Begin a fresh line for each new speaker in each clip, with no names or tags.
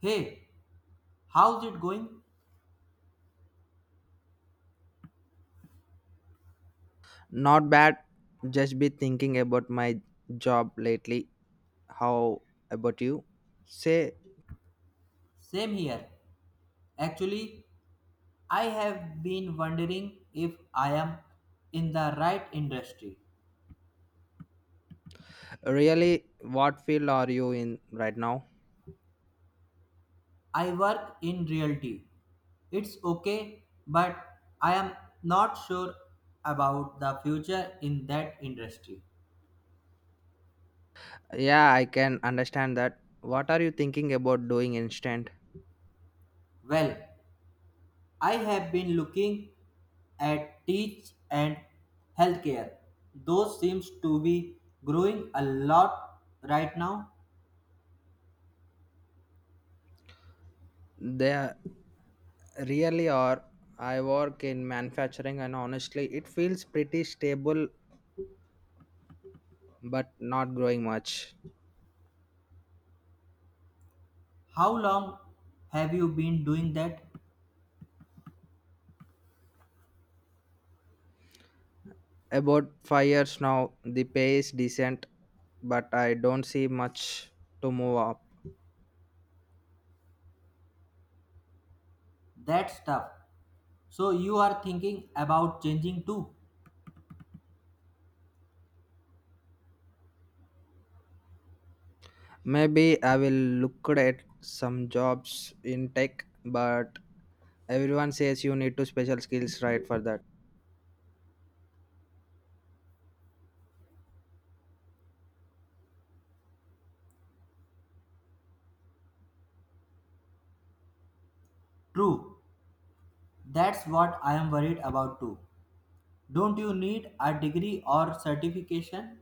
Hey, how's it going?
Not bad. Just be thinking about my job lately. How about you? Say,
Same here. Actually, I have been wondering if I am in the right industry.
really, what field are you in right now?
I work in realty. It's okay, but I am not sure about the future in that industry.
Yeah, I can understand that. What are you thinking about doing instant?
Well, I have been looking at teach and healthcare. Those seems to be growing a lot right now.
They really are. I work in manufacturing, and honestly, it feels pretty stable but not growing much.
How long have you been doing that?
About 5 years now, the pay is decent, but I don't see much to move up.
That's tough. So you are thinking about changing too?
Maybe I will look at some jobs in tech, but everyone says you need to special skills right for that.
True. That's what I am worried about too. Don't you need a degree or certification?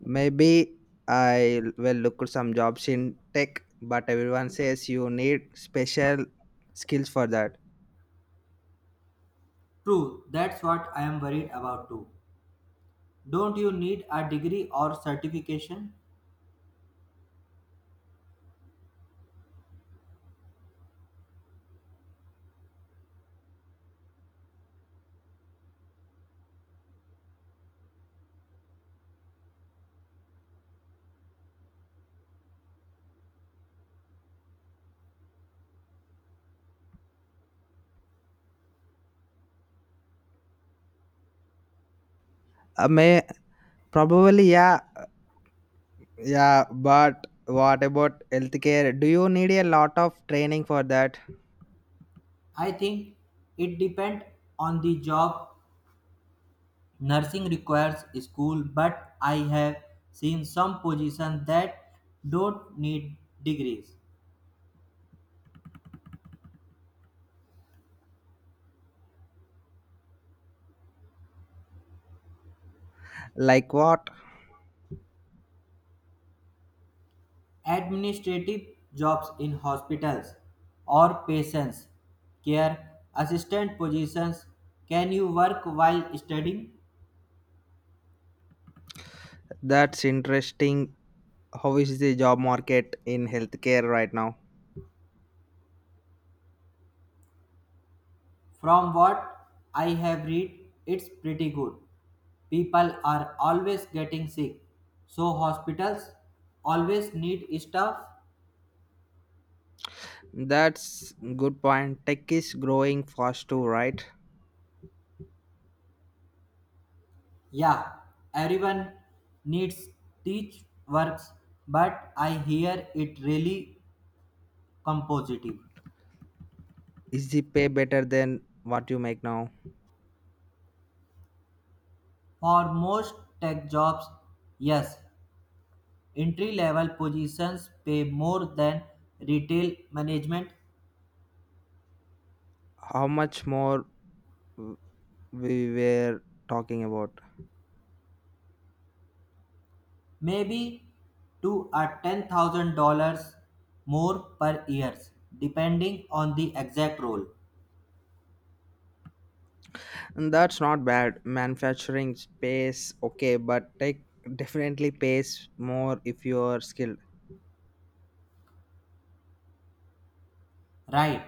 Maybe I will look at some jobs in tech, but everyone says you need special skills for that.
True. That's what I am worried about too. Don't you need a degree or certification?
May probably yeah, yeah. But what about healthcare? Do you need a lot of training for that?
I think it depends on the job. Nursing requires school, but I have seen some positions that don't need degrees.
Like what?
Administrative jobs in hospitals or patients care assistant positions. Can you work while studying?
That's interesting. How is the job market in healthcare right now?
From what I have read, it's pretty good. People are always getting sick, so hospitals always need staff.
That's good point. Tech is growing fast too, right?
Yeah, everyone needs teach works, but I hear it really compositive.
Is the pay better than what you make now?
For most tech jobs, yes. Entry level positions pay more than retail management,
How much more w- we were talking about?
maybe $2 or $10,000 more per year, depending on the exact role.
And that's not bad. Manufacturing pays okay, but tech definitely pays more if you are skilled.
Right.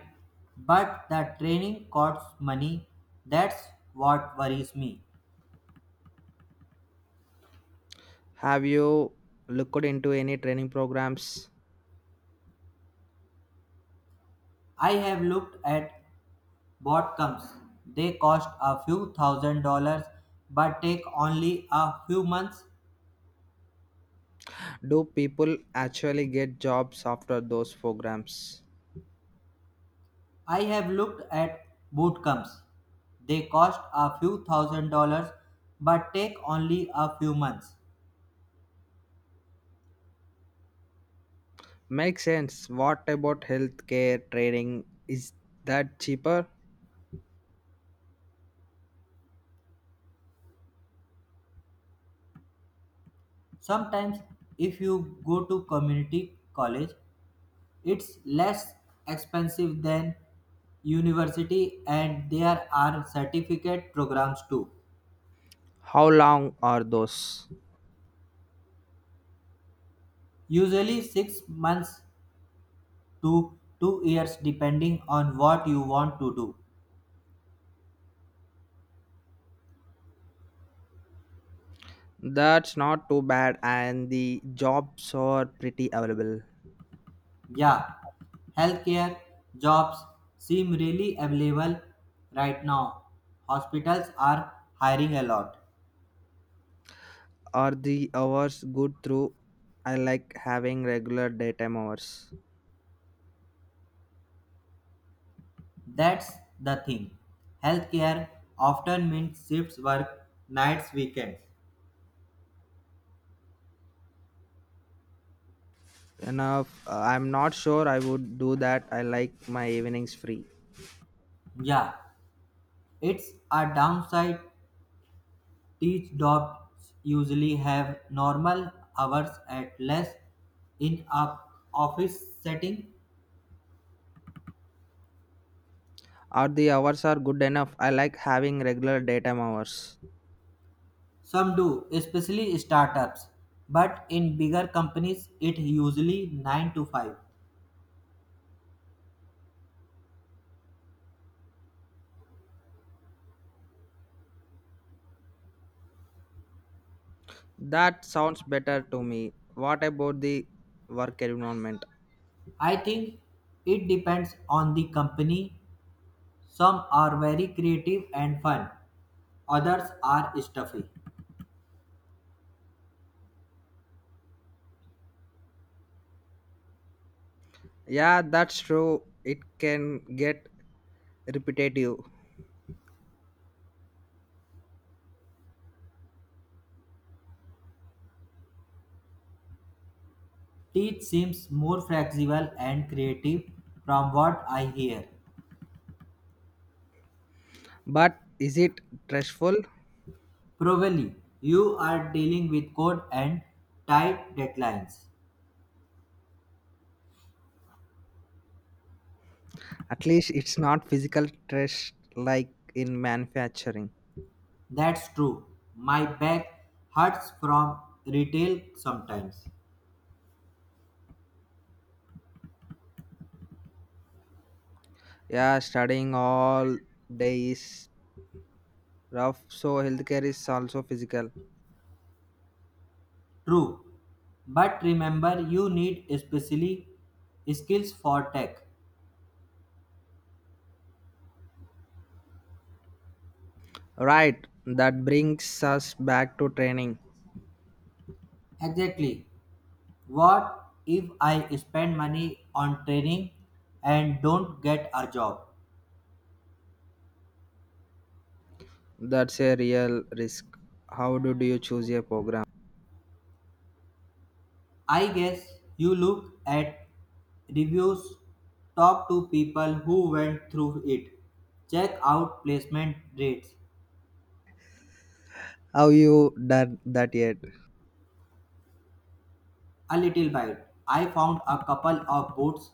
But the training costs money. That's what worries me.
Have you looked into any training programs?
I have looked at what comes. They cost a few thousand dollars but take only a few months.
Do people actually get jobs after those programs?
I have looked at boot camps. They cost a few thousand dollars but take only a few months.
Makes sense. What about healthcare training? Is that cheaper?
Sometimes, if you go to community college, it's less expensive than university, and there are certificate programs too.
How long are those?
Usually 6 months to 2 years, depending on what you want to do.
That's not too bad, and the jobs are pretty available.
Yeah, healthcare jobs seem really available right now. Hospitals are hiring a lot.
Are the hours good through? I like having regular daytime hours.
That's the thing. Healthcare often means shifts work, nights, weekends.
Enough. I'm not sure I would do that. I like my evenings free.
Yeah, it's a downside. Teach jobs usually have normal hours at less in a office setting.
Are the hours are good enough? I like having regular daytime hours.
Some do, especially startups, but in bigger companies it usually 9 to 5.
That sounds better to me. What about the work environment?
I think it depends on the company. Some are very creative and fun, others are stuffy.
Yeah, that's true. It can get repetitive.
Teach seems more flexible and creative from what I hear.
But is it stressful?
Probably you are dealing with code and tight deadlines.
At least it's not physical stress like in manufacturing.
That's true. My back hurts from retail sometimes.
Yeah, studying all day is rough, so healthcare is also physical.
True, but remember, you need especially skills for tech.
Right, that brings us back to training.
Exactly. What if I spend money on training and don't get a job?
That's a real risk. How do you choose a program?
I guess you look at reviews, talk to people who went through it, check out placement rates.
Have you done that yet?
A little bit. I found a couple of boots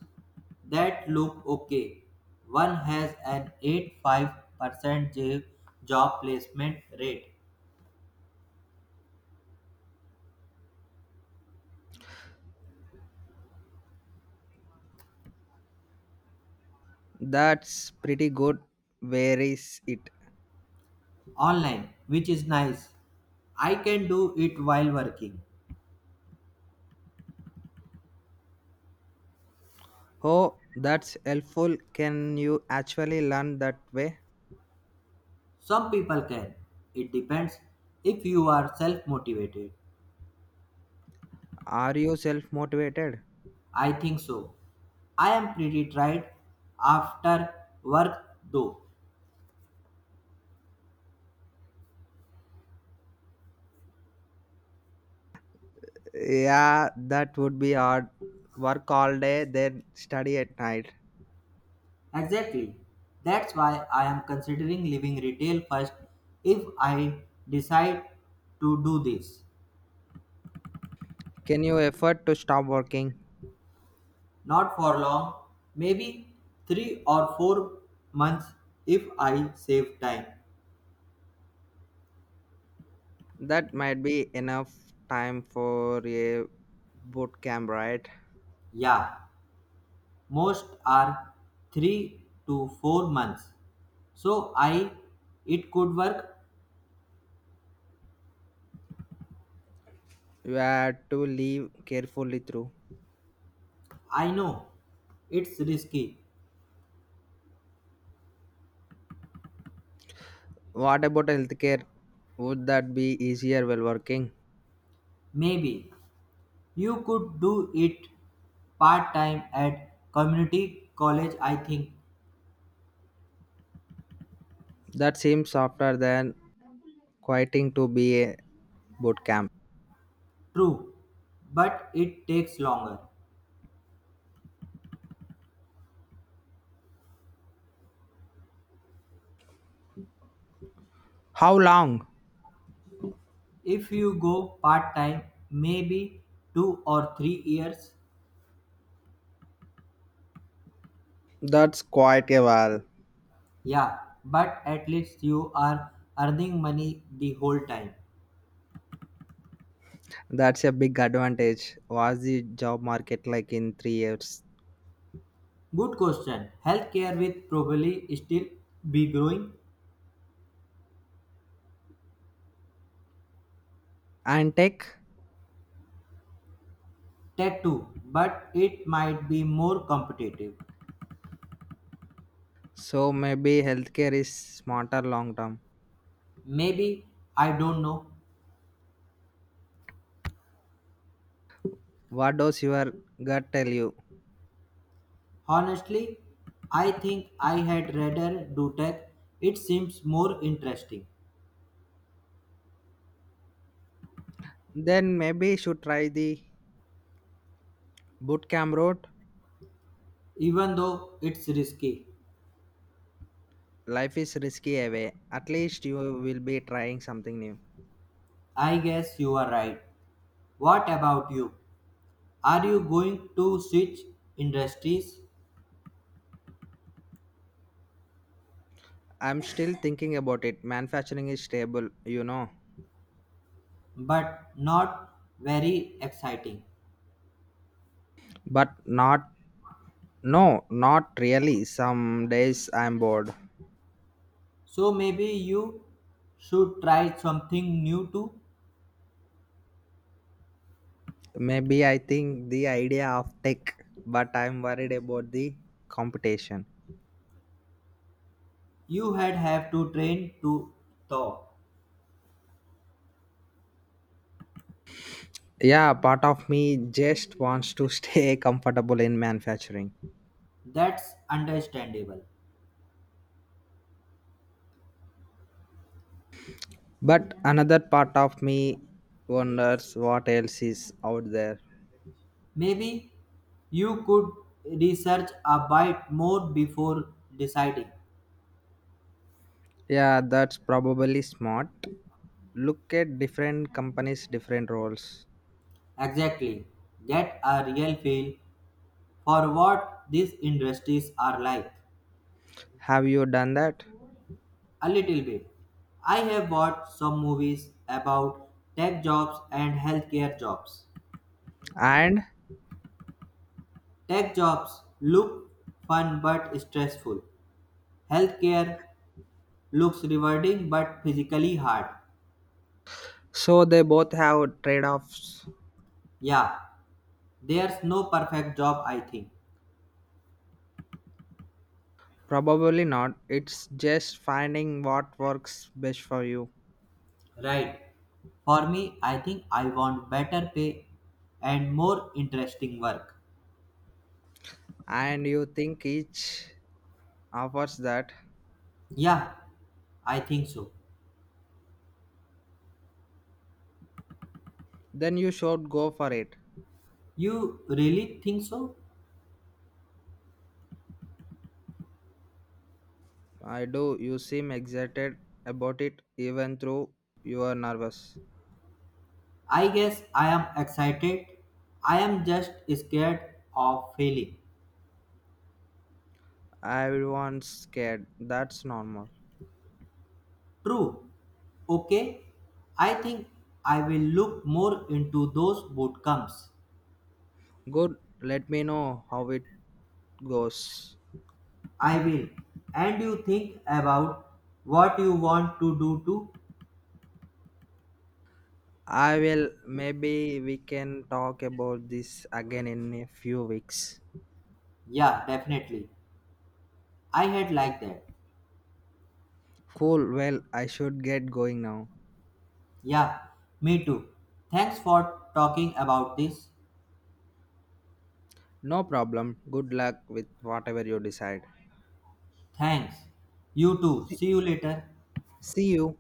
that look okay. One has an 85% job placement rate
That's pretty good. Where is it?
online, which is nice. I can do it while working.
Oh, that's helpful. Can you actually learn that way?
Some people can. It depends if you are self motivated.
Are you self motivated?
I think so. I am pretty tired after work though.
Yeah, that would be hard. Work all day, then study at night.
Exactly. That's why I am considering leaving retail first if I decide to do this.
Can you afford to stop working?
Not for long, maybe 3 or 4 months if I save time.
That might be enough time for a boot camp, right?
Yeah, most are 3 to 4 months. So I it could work.
You have to live carefully through.
I know it's risky.
What about healthcare? Would that be easier while working?
Maybe you could do it part time at community college, I think.
That seems softer than quitting to be a boot camp.
True, but it takes longer.
How long?
If you go part time, maybe 2 or 3 years.
That's quite a while.
Yeah, but at least you are earning money the whole time.
That's a big advantage. Was the job market like in 3 years?
Good question. Healthcare will probably still be growing.
And tech,
Tech too, but it might be more competitive.
so maybe healthcare is smarter long term.
Maybe, I don't know.
What does your gut tell you?
Honestly, I think I had rather do tech. It seems more interesting,
Then maybe you should try the bootcamp route.
even though it's risky.
Life is risky away, at least you will be trying something new.
I guess you are right. What about you? Are you going to switch industries?
I'm still thinking about it. Manufacturing is stable.
But not very exciting.
But not, no, not really. Some days I'm bored.
So maybe you should try something new too.
Maybe I think the idea of tech, but I'm worried about the competition.
You had have to train to thaw.
Yeah, part of me just wants to stay comfortable in manufacturing.
That's understandable.
But another part of me wonders what else is out there.
Maybe you could research a bit more before deciding.
Yeah, that's probably smart. Look at different companies, different roles.
Exactly. Get a real feel for what these industries are like.
Have you done that?
A little bit. I have watched some movies about tech jobs and healthcare jobs.
And
Tech jobs look fun but stressful. Healthcare looks rewarding but physically hard.
so they both have trade-offs.
Yeah, there's no perfect job, I think.
Probably not, it's just finding what works best for you.
Right. For me, I think I want better pay and more interesting work.
And you think each offers that?
Yeah, I think so.
Then you should go for it.
You really think so?
I do. You seem excited about it even though you are nervous.
I guess I am excited. I am just scared of failing.
Everyone's scared. That's normal.
True. Okay. I think I will look more into those boot camps.
Good. Let me know how it goes.
I will. And you think about what you want to do too?
I will. Maybe we can talk about this again in a few weeks.
Yeah, definitely. I had like that.
Cool. Well, I should get going now.
Yeah, me too. Thanks for talking about this.
No problem. Good luck with whatever you decide.
Thanks. You too.
See
See you later.
see you.